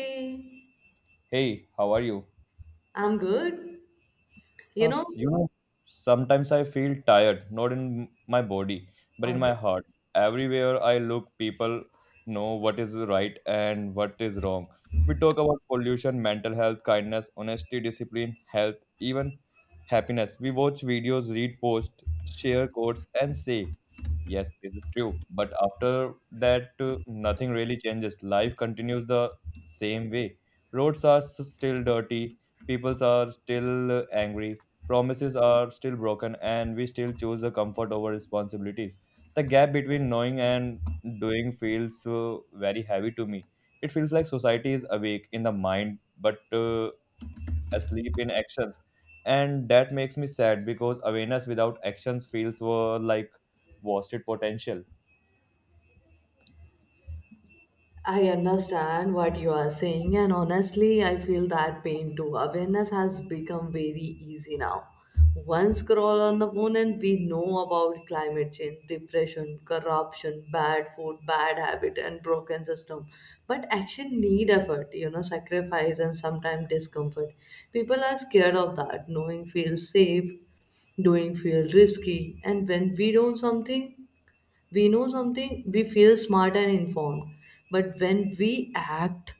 Hey, Hey, how are you? I'm good. Uh, You s- know, you know, Sometimes I feel tired, not in my body, but in my okay. heart. Everywhere I look, people know what is right and what is wrong. We talk about pollution, mental health, kindness, honesty, discipline, health, even happiness. We watch videos, read posts, share quotes, and say, yes, this is true. But after that, nothing really changes. Life continues the same way. Roads are still dirty, people are still angry, promises are still broken, and we still choose the comfort over responsibilities. The gap between knowing and doing feels very heavy to me. It feels like society is awake in the mind but asleep in actions. And that makes me sad because awareness without actions feels like wasted potential. I understand what you are saying, and honestly, I feel that pain too. Awareness has become very easy now. One scroll on the phone, and we know about climate change, depression, corruption, bad food, bad habit, and broken system. But action need effort, sacrifice and sometimes discomfort. People are scared of that. Knowing feels safe, doing feel risky, and when we don't something we know something, we feel smart and informed. But when we act,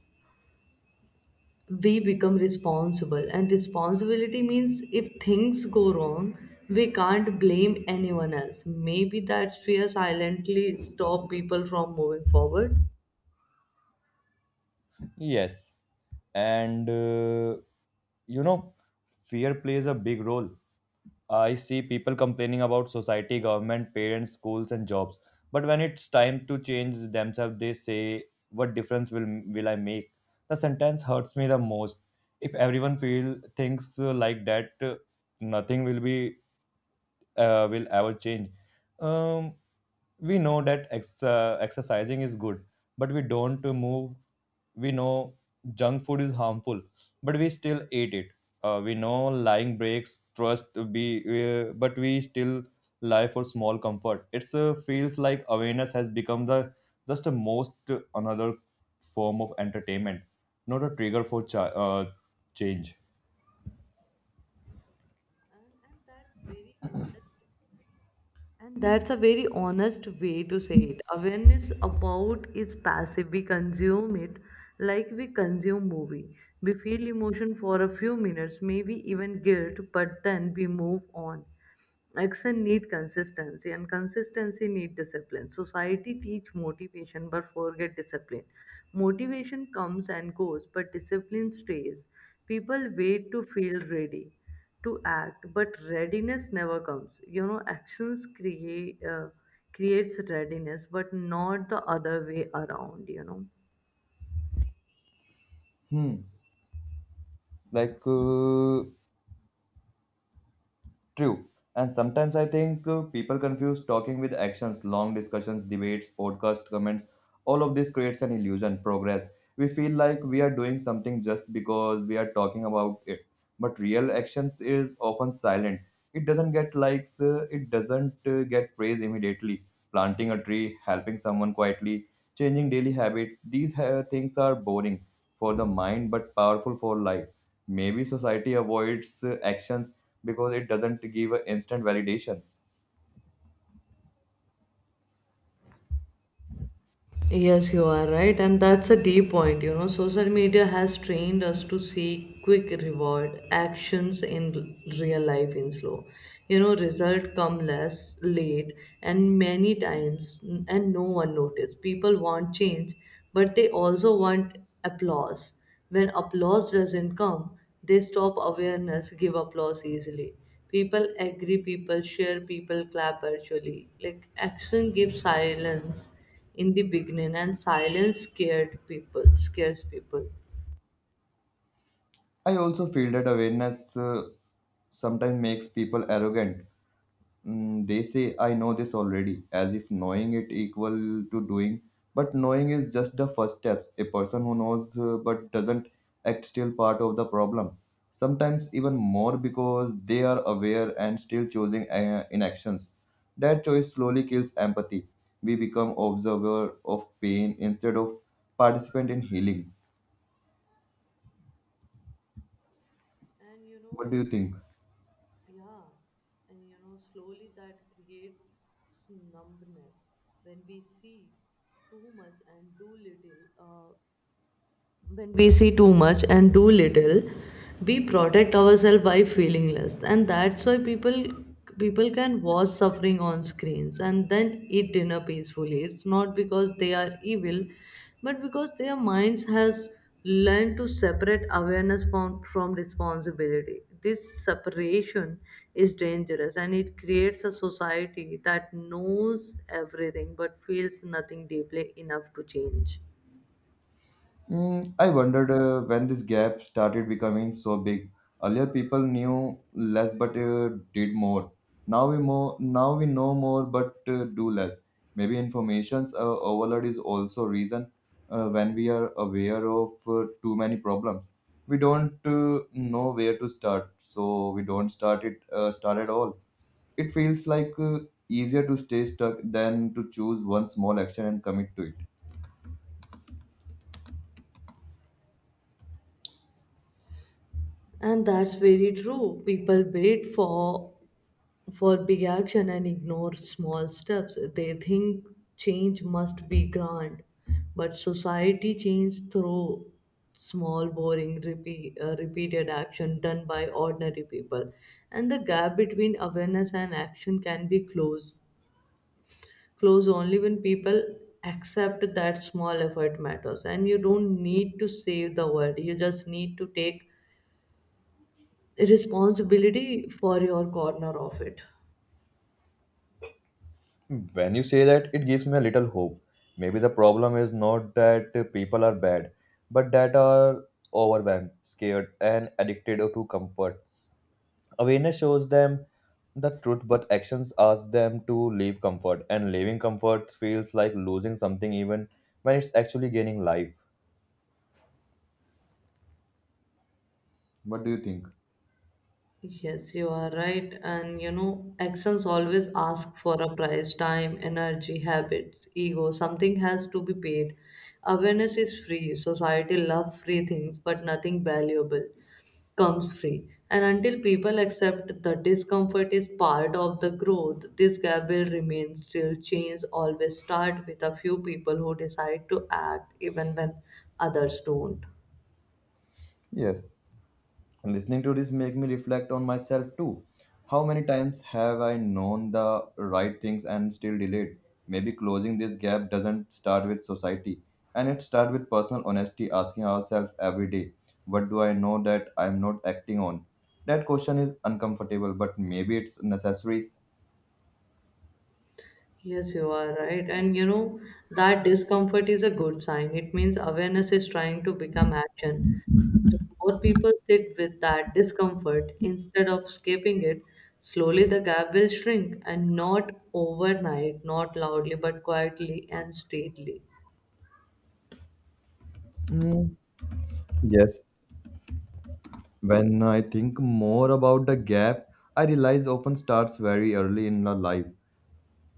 we become responsible. And responsibility means if things go wrong, we can't blame anyone else. Maybe that fear silently stop people from moving forward. Yes. And you know, fear plays a big role. I see people complaining about society, government, parents, schools, and jobs. But when it's time to change themselves, they say, "What difference will I make?" The sentence hurts me the most. If everyone feel thinks like that, nothing will ever change. Um, we know that exercising is good, but we don't move. We know junk food is harmful, but we still eat it. We know lying breaks trust to be but we still lie for small comfort. It's feels like awareness has become the just the most another form of entertainment, not a trigger for change. And, and that's very honest And that's a very honest way to say it. Awareness about is passive. We consume it like we consume movie. We feel emotion for a few minutes, maybe even guilt, but then we move on. Action need consistency and consistency need discipline. Society teach motivation but forget discipline. Motivation comes and goes, but discipline stays. People wait to feel ready to act, but readiness never comes. Actions creates readiness, but not the other way around. Hmm. like uh, True. And sometimes I think people confuse talking with actions, long discussions, debates, podcast comments. All of this creates an illusion, progress. We feel like we are doing something just because we are talking about it. But real actions is often silent. It doesn't get likes, it doesn't get praise immediately. Planting a tree, helping someone quietly, changing daily habits, these things are boring for the mind but powerful for life. Maybe society avoids actions because it doesn't give a instant validation. Yes, you are right, and that's a deep point. Social media has trained us to seek quick reward actions in real life in slow. Result come less late, and many times, and no one notice. People want change, but they also want applause. When applause doesn't come, they stop awareness, give applause easily. People agree, people share, people clap virtually. Like action gives silence in the beginning and silence scared people scares people I also feel that awareness sometimes makes people arrogant. Mm, they say, I know this already, as if knowing it equal to doing. But knowing is just the first steps. A person who knows but doesn't act still part of the problem. Sometimes even more because they are aware and still choosing inactions. That choice slowly kills empathy. We become observer of pain instead of participant in healing. and What do you think? yeah, and slowly that creates numbness when we see too much and too little. When we see too much and too little, we protect ourselves by feeling less, and that's why people can watch suffering on screens and then eat dinner peacefully. It's not because they are evil, but because their minds has learned to separate awareness from responsibility. This separation is dangerous, and it creates a society that knows everything but feels nothing deeply enough to change. Mm, I wondered when this gap started becoming so big. Earlier, people knew less but did more. Now we more now we know more but do less. Maybe information's overload is also reason, when we are aware of too many problems. We don't know where to start, so we don't start at all. It feels like easier to stay stuck than to choose one small action and commit to it. And that's very true. People wait for big action and ignore small steps. They think change must be grand, but society change through small, boring, repeated action done by ordinary people, and the gap between awareness and action can be closed. Close only when people accept that small effort matters, and you don't need to save the world. You just need to take responsibility for your corner of it. When you say that, it gives me a little hope. Maybe the problem is not that people are bad, but that are overwhelmed, scared, and addicted to comfort. Awareness shows them the truth, but actions ask them to leave comfort, and leaving comfort feels like losing something even when it's actually gaining life. What do you think? Yes, you are right. And actions always ask for a price, time, energy, habits, ego. Something has to be paid. Awareness is free. Society love free things, but nothing valuable comes free. And until people accept the discomfort is part of the growth, this gap will remain still. Change always start with a few people who decide to act even when others don't. Yes. Listening to this make me reflect on myself too. How many times have I known the right things and still delayed? Maybe closing this gap doesn't start with society, and it starts with personal honesty, asking ourselves every day, what do I know that I'm not acting on? That question is uncomfortable, but maybe it's necessary. Yes, you are right. And that discomfort is a good sign. It means awareness is trying to become action. If more people sit with that discomfort instead of escaping it, slowly the gap will shrink and not overnight, not loudly, but quietly and steadily. Mm, yes. When I think more about the gap, I realize often starts very early in the life.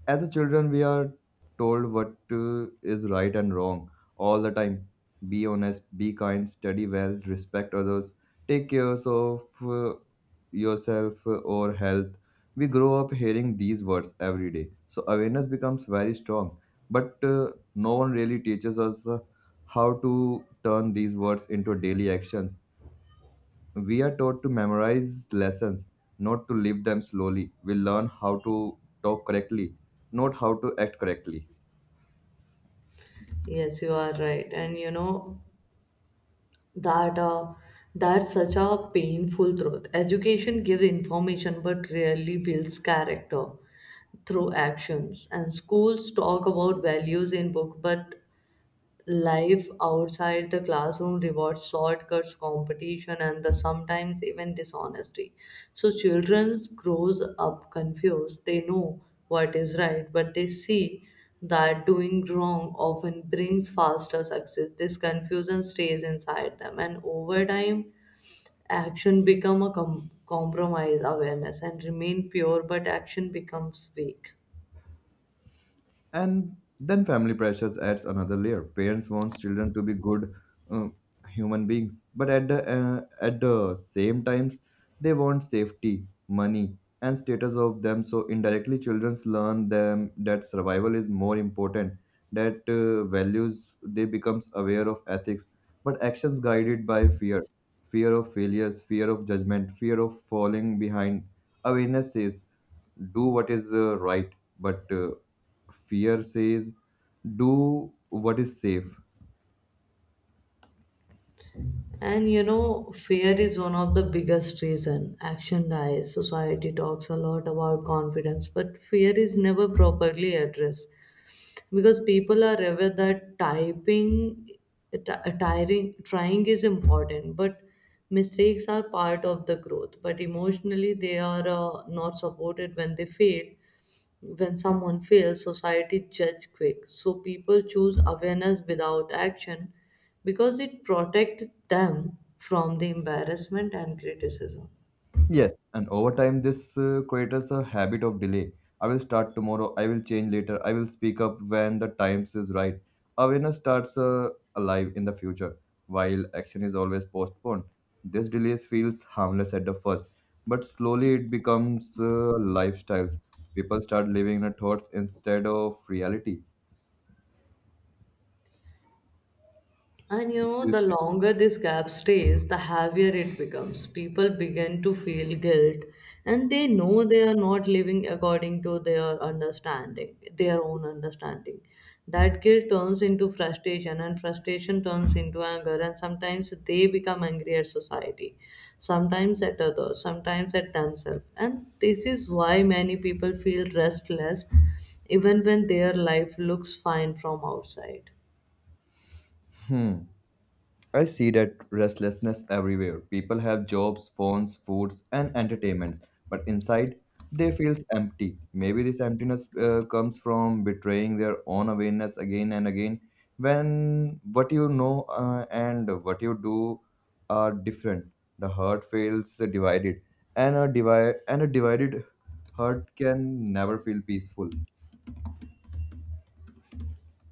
As a children, we are told what is right and wrong all the time: be honest, be kind, study well, respect others, take care of yourself or health. We grow up hearing these words every day, so awareness becomes very strong, but no one really teaches us how to turn these words into daily actions. We are taught to memorize lessons, not to live them slowly. We learn how to talk correctly, not how to act correctly. Yes, you are right. And that that's such a painful truth, education gives information but rarely builds character through actions, and schools talk about values in book but life outside the classroom rewards shortcuts, competition, and the sometimes even dishonesty. So children grows up confused, they know what is right but they see that doing wrong often brings faster success. This confusion stays inside them, and over time action become a compromise, awareness and remain pure but action becomes weak. And then family pressures adds another layer. Parents want children to be good uh, human beings, but at the same times, they want safety, money, and status of them. So indirectly, children learn them that survival is more important. That values they becomes aware of ethics, but actions guided by fear, fear of failures, fear of judgment, fear of falling behind. Awareness says do what is right, but fear says do what is safe. And fear is one of the biggest reason action dies. Society talks a lot about confidence, but fear is never properly addressed because people are aware that tiring, trying is important, but mistakes are part of the growth. But emotionally, they are not supported when they fail. When someone fails, society judge quick. So people choose awareness without action because it protects them from the embarrassment and criticism. Yes. And over time, this creates a habit of delay. I will start tomorrow. I will change later. I will speak up when the times is right. Awareness starts alive in the future, while action is always postponed. This delay feels harmless at the first, but slowly it becomes lifestyles. People start living in their thoughts instead of reality. And What do you the say? longer this gap stays, the heavier it becomes. People begin to feel guilt and they know they are not living according to their understanding, their own understanding. That guilt turns into frustration and frustration turns into anger, and sometimes they become angry at society, sometimes at others, sometimes at themselves. And this is why many people feel restless even when their life looks fine from outside. Hmm. I see that restlessness everywhere. People have jobs, phones, foods, and entertainments, but inside they feel empty. Maybe this emptiness comes from betraying their own awareness again and again when what you know and what you do are different. The heart feels divided, and a, divided heart can never feel peaceful.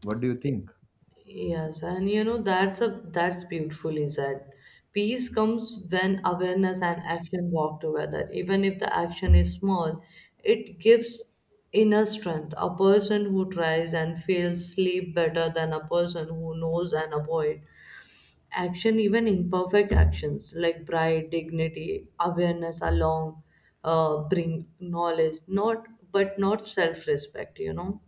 What do you think? Yes, and that's a that's beautiful, is that peace comes when awareness and action walk together. Even if the action is small, it gives inner strength. A person who tries and fails sleep better than a person who knows and avoid. Action, even imperfect actions like pride, dignity, awareness along bring knowledge, not but not self-respect,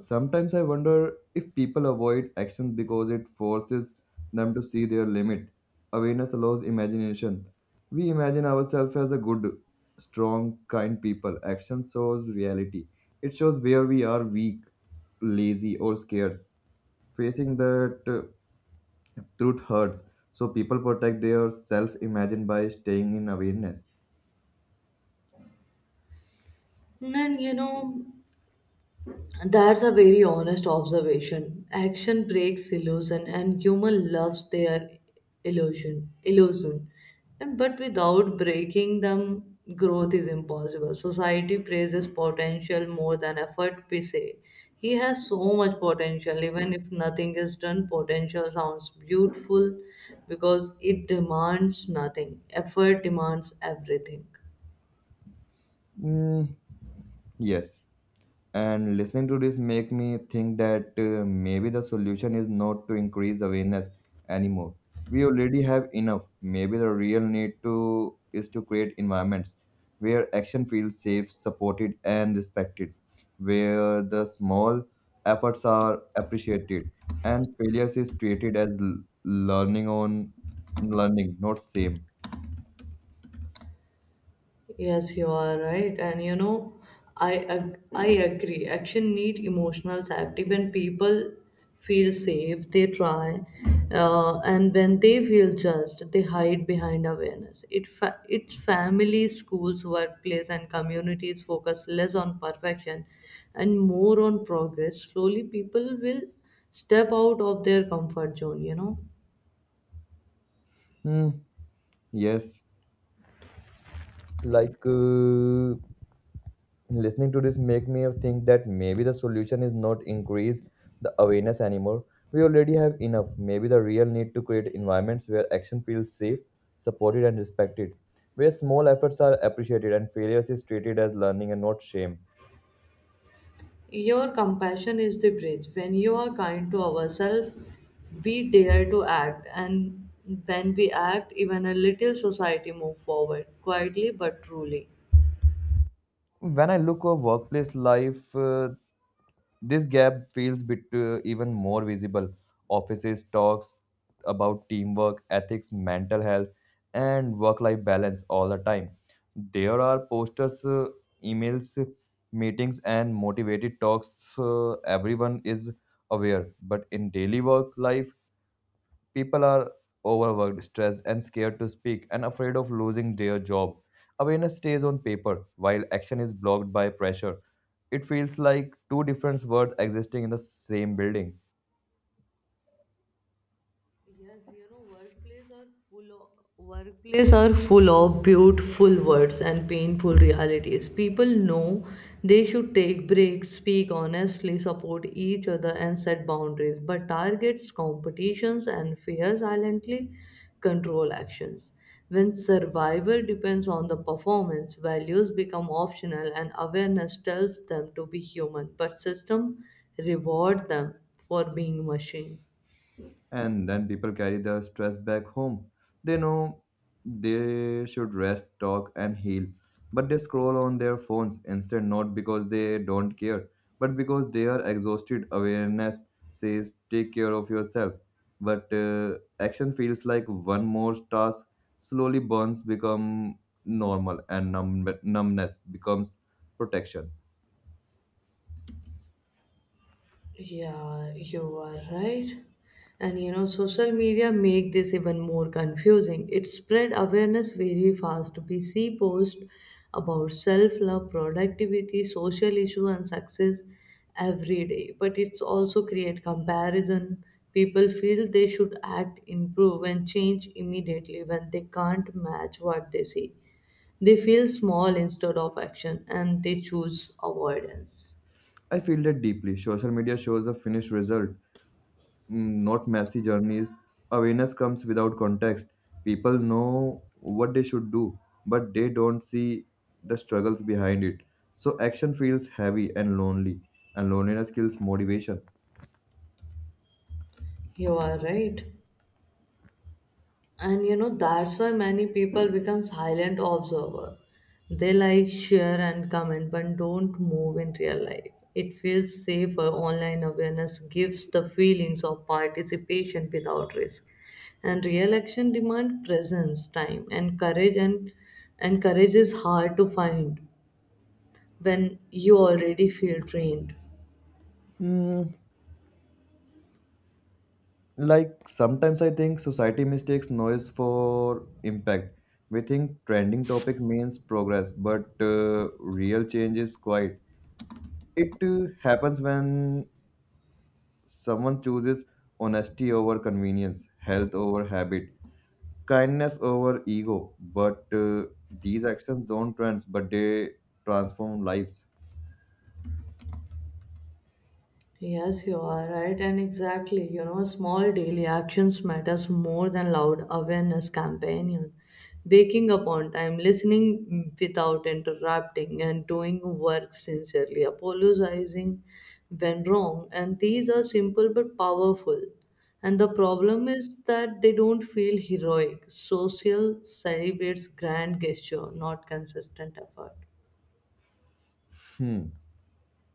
Sometimes I wonder if people avoid actions because it forces them to see their limit. Awareness allows imagination. We imagine ourselves as a good, strong, kind people. Action shows reality. It shows where we are weak, lazy, or scared. Facing that truth hurts. So people protect their self-imagine by staying in awareness. And that's a very honest observation. Action breaks illusion, and human loves their illusion, and but without breaking them, growth is impossible. Society praises potential more than effort. We say he has so much potential, even if nothing is done. Potential sounds beautiful because it demands nothing. Effort demands everything. Mm, yes. And listening to this make me think that maybe the solution is not to increase awareness anymore. We already have enough. Maybe the real need to is to create environments where action feels safe, supported, and respected, where the small efforts are appreciated and failures is treated as learning on learning, not same. Yes, you are right. And I agree. Action need emotional safety. When people feel safe, they try, and when they feel judged, they hide behind awareness. It's families, schools, workplace, and communities focus less on perfection and more on progress. Slowly, people will step out of their comfort zone. You know. Hmm. Yes. like listening to this make me think that maybe the solution is not increase the awareness anymore. We already have enough. Maybe the real need to create environments where action feels safe, supported, and respected, where small efforts are appreciated and failures is treated as learning and not shame. Your compassion is the bridge. When you are kind to ourselves, we dare to act, and when we act, even a little society move forward quietly but truly. When I look at workplace life, this gap feels bit, even more visible. Offices talks about teamwork, ethics, mental health, and work-life balance all the time. There are posters, emails, meetings, and motivated talks. Everyone is aware, but in daily work life, people are overworked, stressed, and scared to speak and afraid of losing their job. Awareness stays on paper while action is blocked by pressure. It feels like two different worlds existing in the same building. Yes, full of workplace are full of beautiful words and painful realities. People know they should take breaks, speak honestly, support each other and set boundaries, but targets, competitions and fear silently control actions. When survival depends on the performance, values become optional and awareness tells them to be human, but system reward them for being machine. And then people carry the stress back home. They know they should rest, talk, and heal, but they scroll on their phones instead, not because they don't care, but because they are exhausted. Awareness says, take care of yourself, but action feels like one more task. Slowly, burns become normal, and numbness becomes protection. Yeah, you are right. And social media make this even more confusing. It spread awareness very fast. We see posts about self-love, productivity, social issue, and success every day. But it's also create comparison. People feel they should act, improve, and change immediately when they can't match what they see. They feel small instead of action, and they choose avoidance. I feel that deeply. Social media shows a finished result, mm, not messy journeys. Awareness comes without context. People know what they should do, but they don't see the struggles behind it. So action feels heavy and lonely, and loneliness kills motivation. You are right. And that's why many people become silent observer. They like, share, and comment but don't move in real life. It feels safer online. Awareness gives the feelings of participation without risk, and real action demand presence, time, and courage. And courage is hard to find when you already feel drained. Mm, like sometimes I think society mistakes noise for impact. We think trending topic means progress, but real change is quiet. It happens when someone chooses honesty over convenience, health over habit, kindness over ego, but these actions don't trends but they transform lives. Yes, you are right, and exactly. Small daily actions matters more than loud awareness campaign. Waking up on time, listening without interrupting, and doing work sincerely, apologizing when wrong, and these are simple but powerful. And the problem is that they don't feel heroic. Social celebrates grand gesture, not consistent effort. Hmm.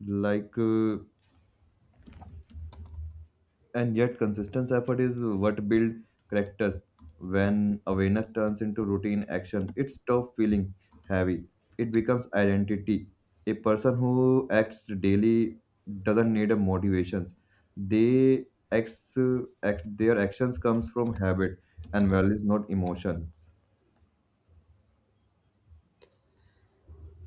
like uh, and yet consistent effort is what build characters. When awareness turns into routine action, it stops feeling heavy. It becomes identity. A person who acts daily doesn't need a motivations. They acts, uh, their actions comes from habit and values, not emotions.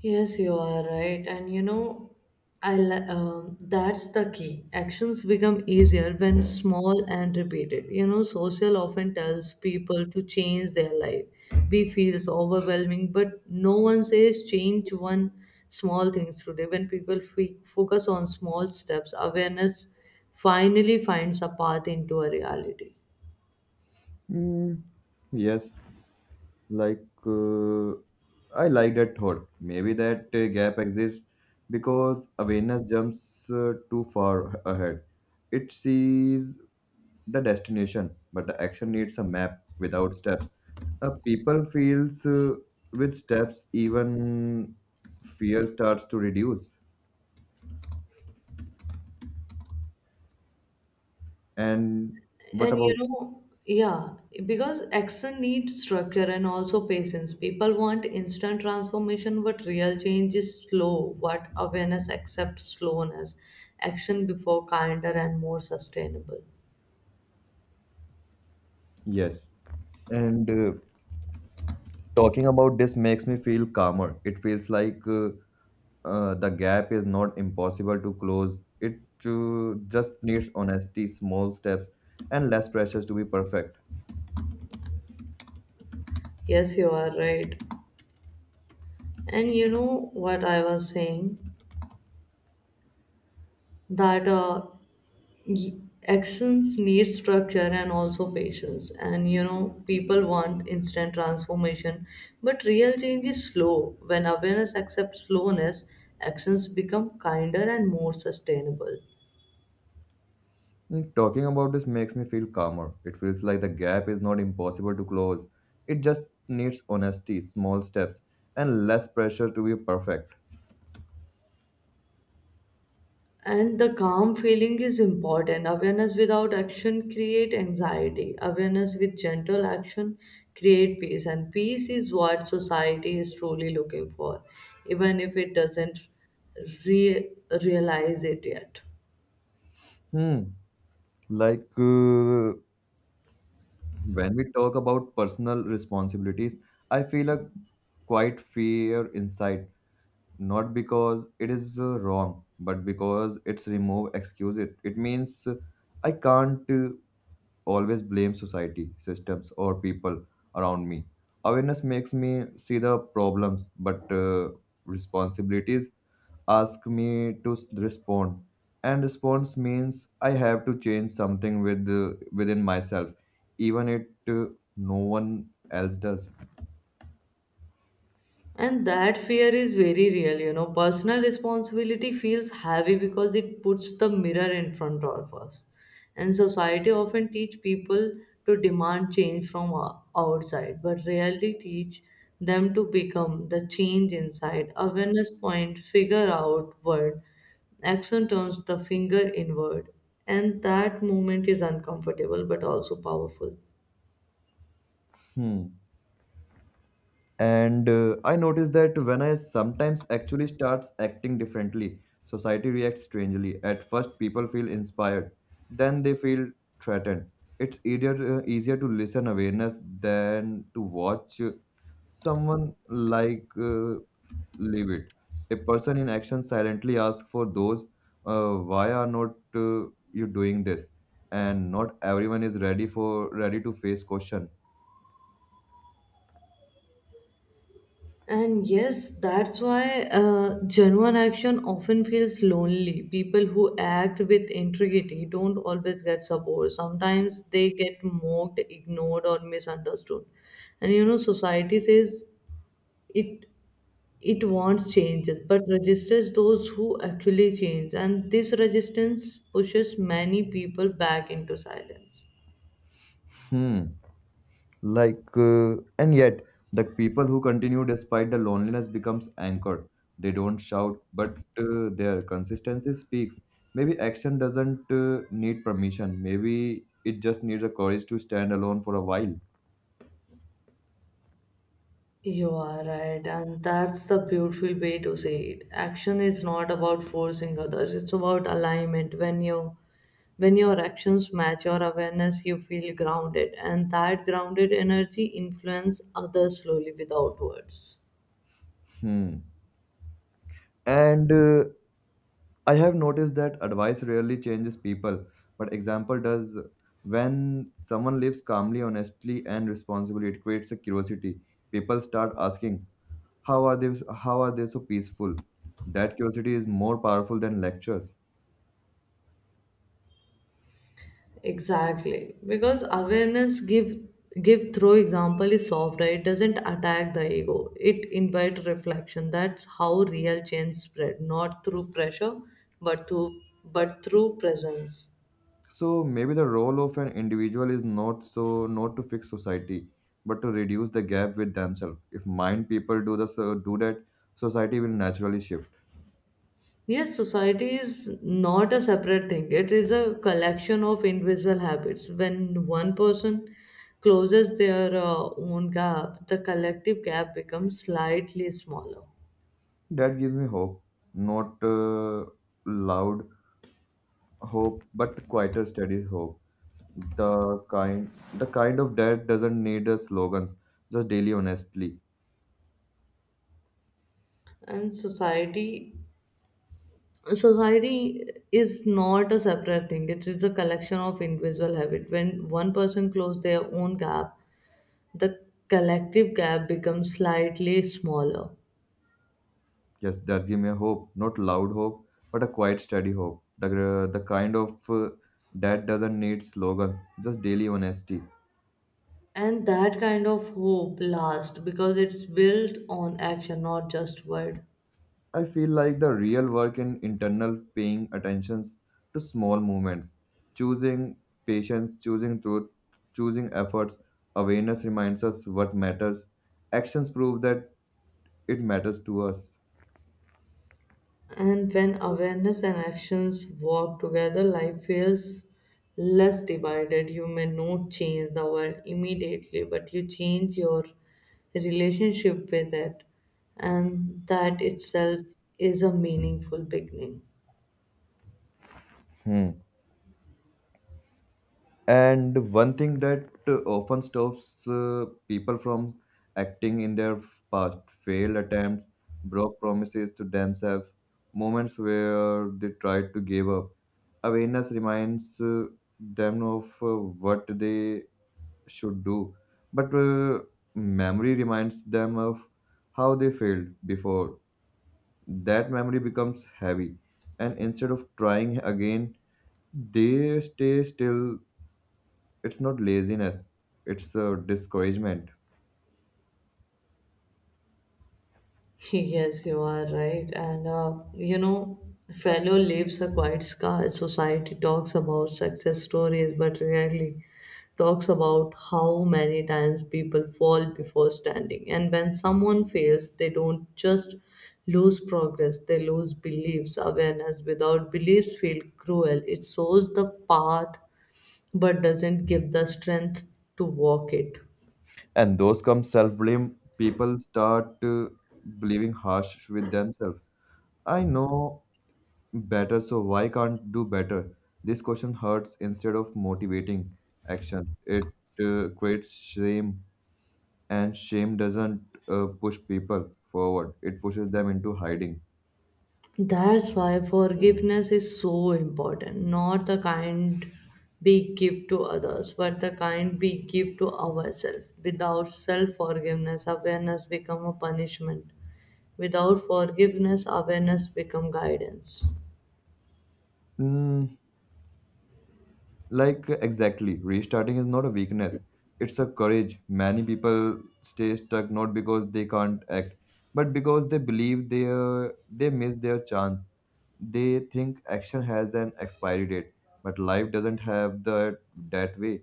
Yes, you are right. And that's the key. Actions become easier when small and repeated. Social often tells people to change their life. We feels overwhelming, but no one says change one small things today. When people focus on small steps, awareness finally finds a path into a reality. Hmm. Yes. like I like that thought. Maybe that gap exists because awareness jumps too far ahead. It sees the destination but the action needs a map without steps. People feels with steps, even fear starts to reduce. And what And about— yeah, because action needs structure and also patience. People want instant transformation, but real change is slow. What awareness accepts slowness, action before kinder and more sustainable. Yes. And talking about this makes me feel calmer. It feels like the gap is not impossible to close. It just needs honesty, small steps, and less pressures to be perfect. Yes, you are right. And you know what I was saying? that uh, y- actions need structure and also patience, and people want instant transformation but real change is slow. When awareness accepts slowness, actions become kinder and more sustainable, Mm, talking about this makes me feel calmer. It feels like the gap is not impossible to close. It just needs honesty, small steps, and less pressure to be perfect. and the calm feeling is important. Awareness without action create anxiety, awareness with gentle action create peace, and peace is what society is truly looking for even if it doesn't re- realize it yet. Hmm. Like uh, when we talk about personal responsibilities, I feel a quite fear inside, not because it is wrong, but because it's remove excuse. It means I can't always blame society systems or people around me. Awareness makes me see the problems, but responsibilities ask me to respond, and response means I have to change something with within myself, even it no one else does. And that fear is very real, Personal responsibility feels heavy because it puts the mirror in front of us. And society often teach people to demand change from outside, but rarely teach them to become the change inside. Awareness point, figure outward, action turns the finger inward. And that movement is uncomfortable but also powerful. Hmm. And I noticed that when I sometimes actually starts acting differently, society reacts strangely. At first people feel inspired, then they feel threatened. It's easier, easier to listen awareness than to watch, someone leave it. A person in action silently asks for those, why are not, you doing this? And not everyone is ready for ready to face question. And yes, that's why genuine action often feels lonely. People who act with integrity don't always get support. Sometimes they get mocked, ignored, or misunderstood. And society says it it wants changes, but registers those who actually change. And this resistance pushes many people back into silence. Hmm. And yet, the people who continue despite the loneliness becomes anchored. They don't shout, but their consistency speaks. Maybe action doesn't need permission. Maybe it just needs the courage to stand alone for a while. You are right, and that's the beautiful way to say it. Action is not about forcing others, it's about alignment. When you when your actions match your awareness, you feel grounded, and that grounded energy influence others slowly without words. Hmm. And I have noticed that advice rarely changes people, but example does. When someone lives calmly, honestly and responsibly, it creates a curiosity. People start asking, How are they how are they so peaceful? That curiosity is more powerful than lectures. Exactly. Because awareness give through example is soft, right? It doesn't attack the ego. It invites reflection. That's how real change spread, not through pressure, but through but through presence. So maybe the role of an individual is not to fix society, but to reduce the gap with themselves. If mind people do the so do that, society will naturally shift. Yes, society is not a separate thing. It is a collection of individual habits. When one person closes their own gap, the collective gap becomes slightly smaller. That gives me hope, not loud hope, but quieter, steady hope. The kind the kind of that doesn't need the slogans, just daily honestly. And society is not a separate thing. It is a collection of individual habit. When one person closes their own gap, the collective gap becomes slightly smaller. Yes, that give me a hope, not loud hope, but a quiet, steady hope. The kind of that doesn't need slogan, just daily honesty. And that kind of hope lasts because it's built on action, not just word. I feel like the real work in internal paying attentions to small movements, choosing patience, choosing truth, choosing efforts. Awareness reminds us what matters. Actions prove that it matters to us. And when awareness and actions work together, life feels less divided. You may not change the world immediately, but you change your relationship with it. And that itself is a meaningful beginning. Hmm. And one thing that often stops people from acting in their past failed attempts, broke promises to themselves, moments where they tried to give up. Awareness reminds them of what they should do, but memory reminds them of how they failed before. That memory becomes heavy, and instead of trying again, they stay still. It's not laziness, it's a discouragement. Yes, you are right. And fellow leaves a quiet scar. Society talks about success stories, but rarely talks about how many times people fall before standing. And when someone fails, they don't just lose progress, they lose beliefs, awareness. Without beliefs, feel cruel. It shows the path, but doesn't give the strength to walk it. And those come self blame. People start believing harsh with themselves. I know better, so why can't do better? This question hurts instead of motivating actions. It creates shame, and shame doesn't push people forward, it pushes them into hiding. That's why forgiveness is so important. Not the kind we give to others, but the kind we give to ourselves. Without self forgiveness, awareness become a punishment. Without forgiveness, awareness become guidance. Mm. Like, exactly, restarting is not a weakness, it's a courage. Many people stay stuck not because they can't act, but because they believe they miss their chance. They think action has an expiry date, but life doesn't have that way.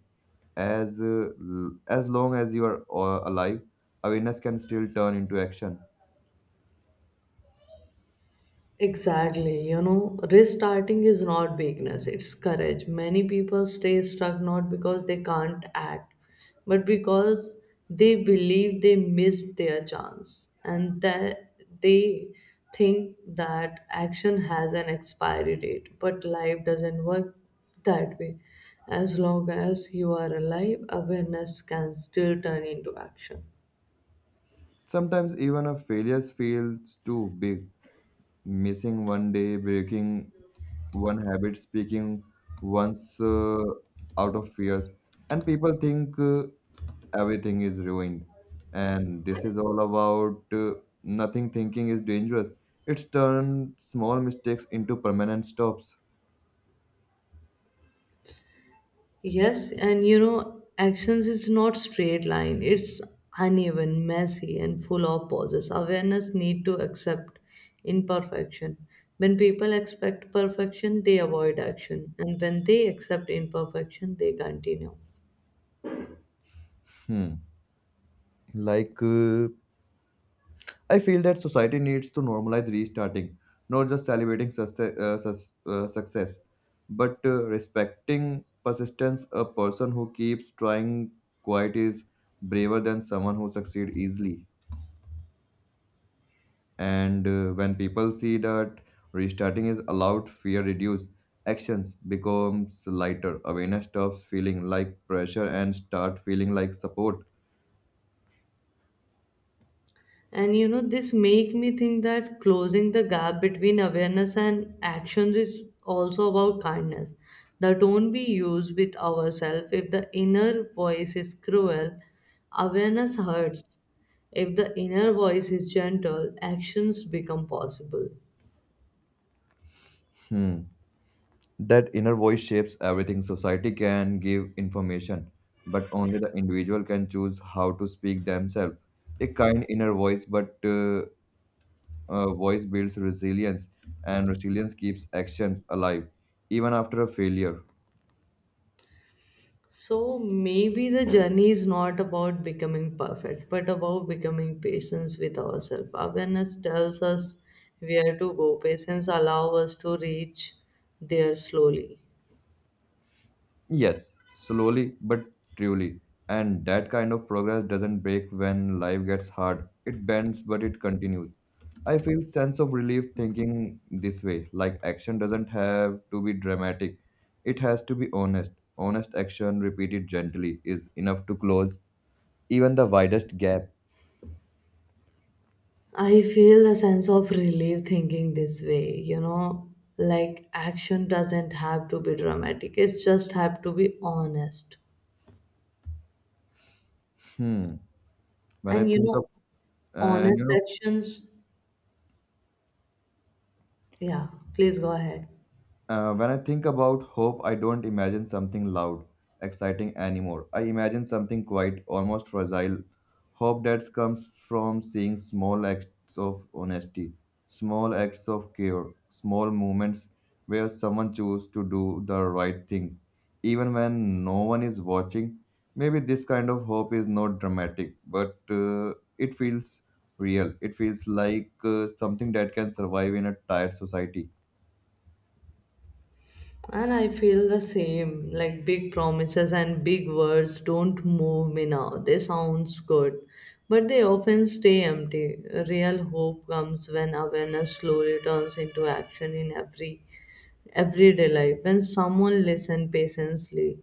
As long as you are alive, awareness can still turn into action. Exactly. You know, restarting is not weakness, it's courage. Many people stay stuck not because they can't act, but because they believe they missed their chance and that they think that action has an expiry date. But life doesn't work that way. As long as you are alive, awareness can still turn into action. Sometimes even a failure feels too big, missing one day, breaking one habit, speaking once out of fears, and people think everything is ruined. And this is all about nothing thinking is dangerous. It's turned small mistakes into permanent stops. Yes, and you know, actions is not straight line. It's uneven, messy, and full of pauses. Awareness need to accept imperfection. When people expect perfection, they avoid action, and when they accept imperfection, they continue. Hmm. Like uh, I feel that society needs to normalize restarting, not just celebrating success, but respecting persistence. A person who keeps trying quite is braver than someone who succeeds easily. And when people see that restarting is allowed, fear reduces, actions becomes lighter, awareness stops feeling like pressure and start feeling like support. And you know, this make me think that closing the gap between awareness and actions is also about kindness, the tone we use with ourselves. If the inner voice is cruel, awareness hurts. If the inner voice is gentle, actions become possible. Hmm. That inner voice shapes everything. Society can give information, but only the individual can choose how to speak themselves. A kind inner voice, but voice builds resilience, and resilience keeps actions alive, even after a failure. So maybe the journey is not about becoming perfect, but about becoming patient with ourselves. Awareness tells us where to go. Patience allow us to reach there slowly. Yes, slowly but truly. And that kind of progress doesn't break when life gets hard. It bends, but it continues. I feel sense of relief thinking this way. Like action doesn't have to be dramatic. It has to be honest. Honest action repeated gently is enough to close even the widest gap. I feel a sense of relief thinking this way, you know, like action doesn't have to be dramatic. It's just have to be honest. Hmm. When I And you think of know, uh, and you honest know. actions, yeah, please go ahead. When I think about hope, I don't imagine something loud, exciting anymore. I imagine something quiet, almost fragile. Hope that comes from seeing small acts of honesty, small acts of care, small moments where someone chooses to do the right thing, even when no one is watching. Maybe this kind of hope is not dramatic, but it feels real. It feels like something that can survive in a tired society. And I feel the same. Like big promises and big words don't move me now. They sounds good, but they often stay empty. Real hope comes when awareness slowly turns into action in everyday life. When someone listens patiently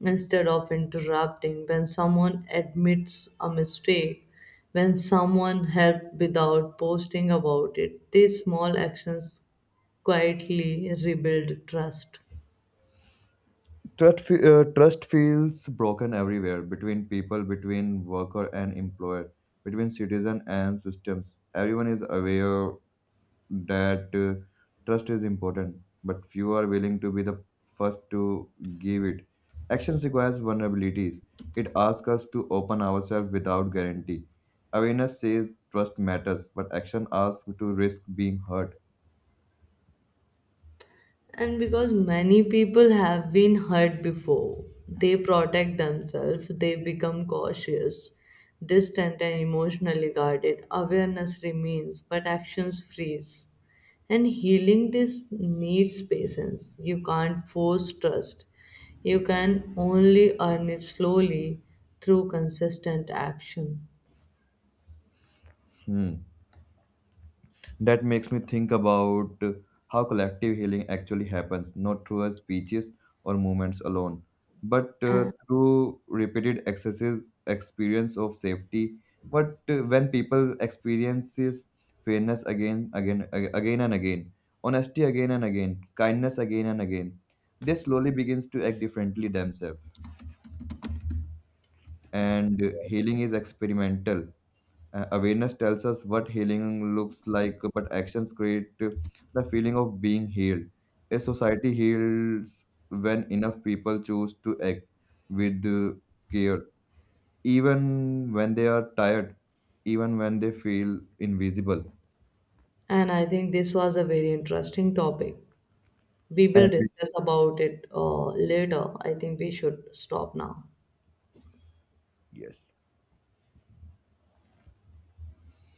instead of interrupting. When someone admits a mistake. When someone helps without posting about it. These small actions quietly rebuild trust. Trust feels broken everywhere, between people, between worker and employer, between citizen and systems. Everyone is aware that trust is important, but few are willing to be the first to give it. Actions requires vulnerabilities. It asks us to open ourselves without guarantee. Awareness says trust matters, but action asks to risk being hurt. And because many people have been hurt before, they protect themselves, they become cautious, distant, and emotionally guarded. Awareness remains, but actions freeze. And healing this needs patience. You can't force trust, you can only earn it slowly through consistent action. Hmm. That makes me think about how collective healing actually happens, not through our speeches or movements alone, but through repeated excessive experience of safety. But when people experiences fairness again and again, honesty again and again, kindness again and again, they slowly begins to act differently themselves. And healing is experimental. Awareness tells us what healing looks like, but actions create the feeling of being healed. A society heals when enough people choose to act with care, even when they are tired, even when they feel invisible. And I think this was a very interesting topic. We And will we- discuss about it later. I think we should stop now. yes.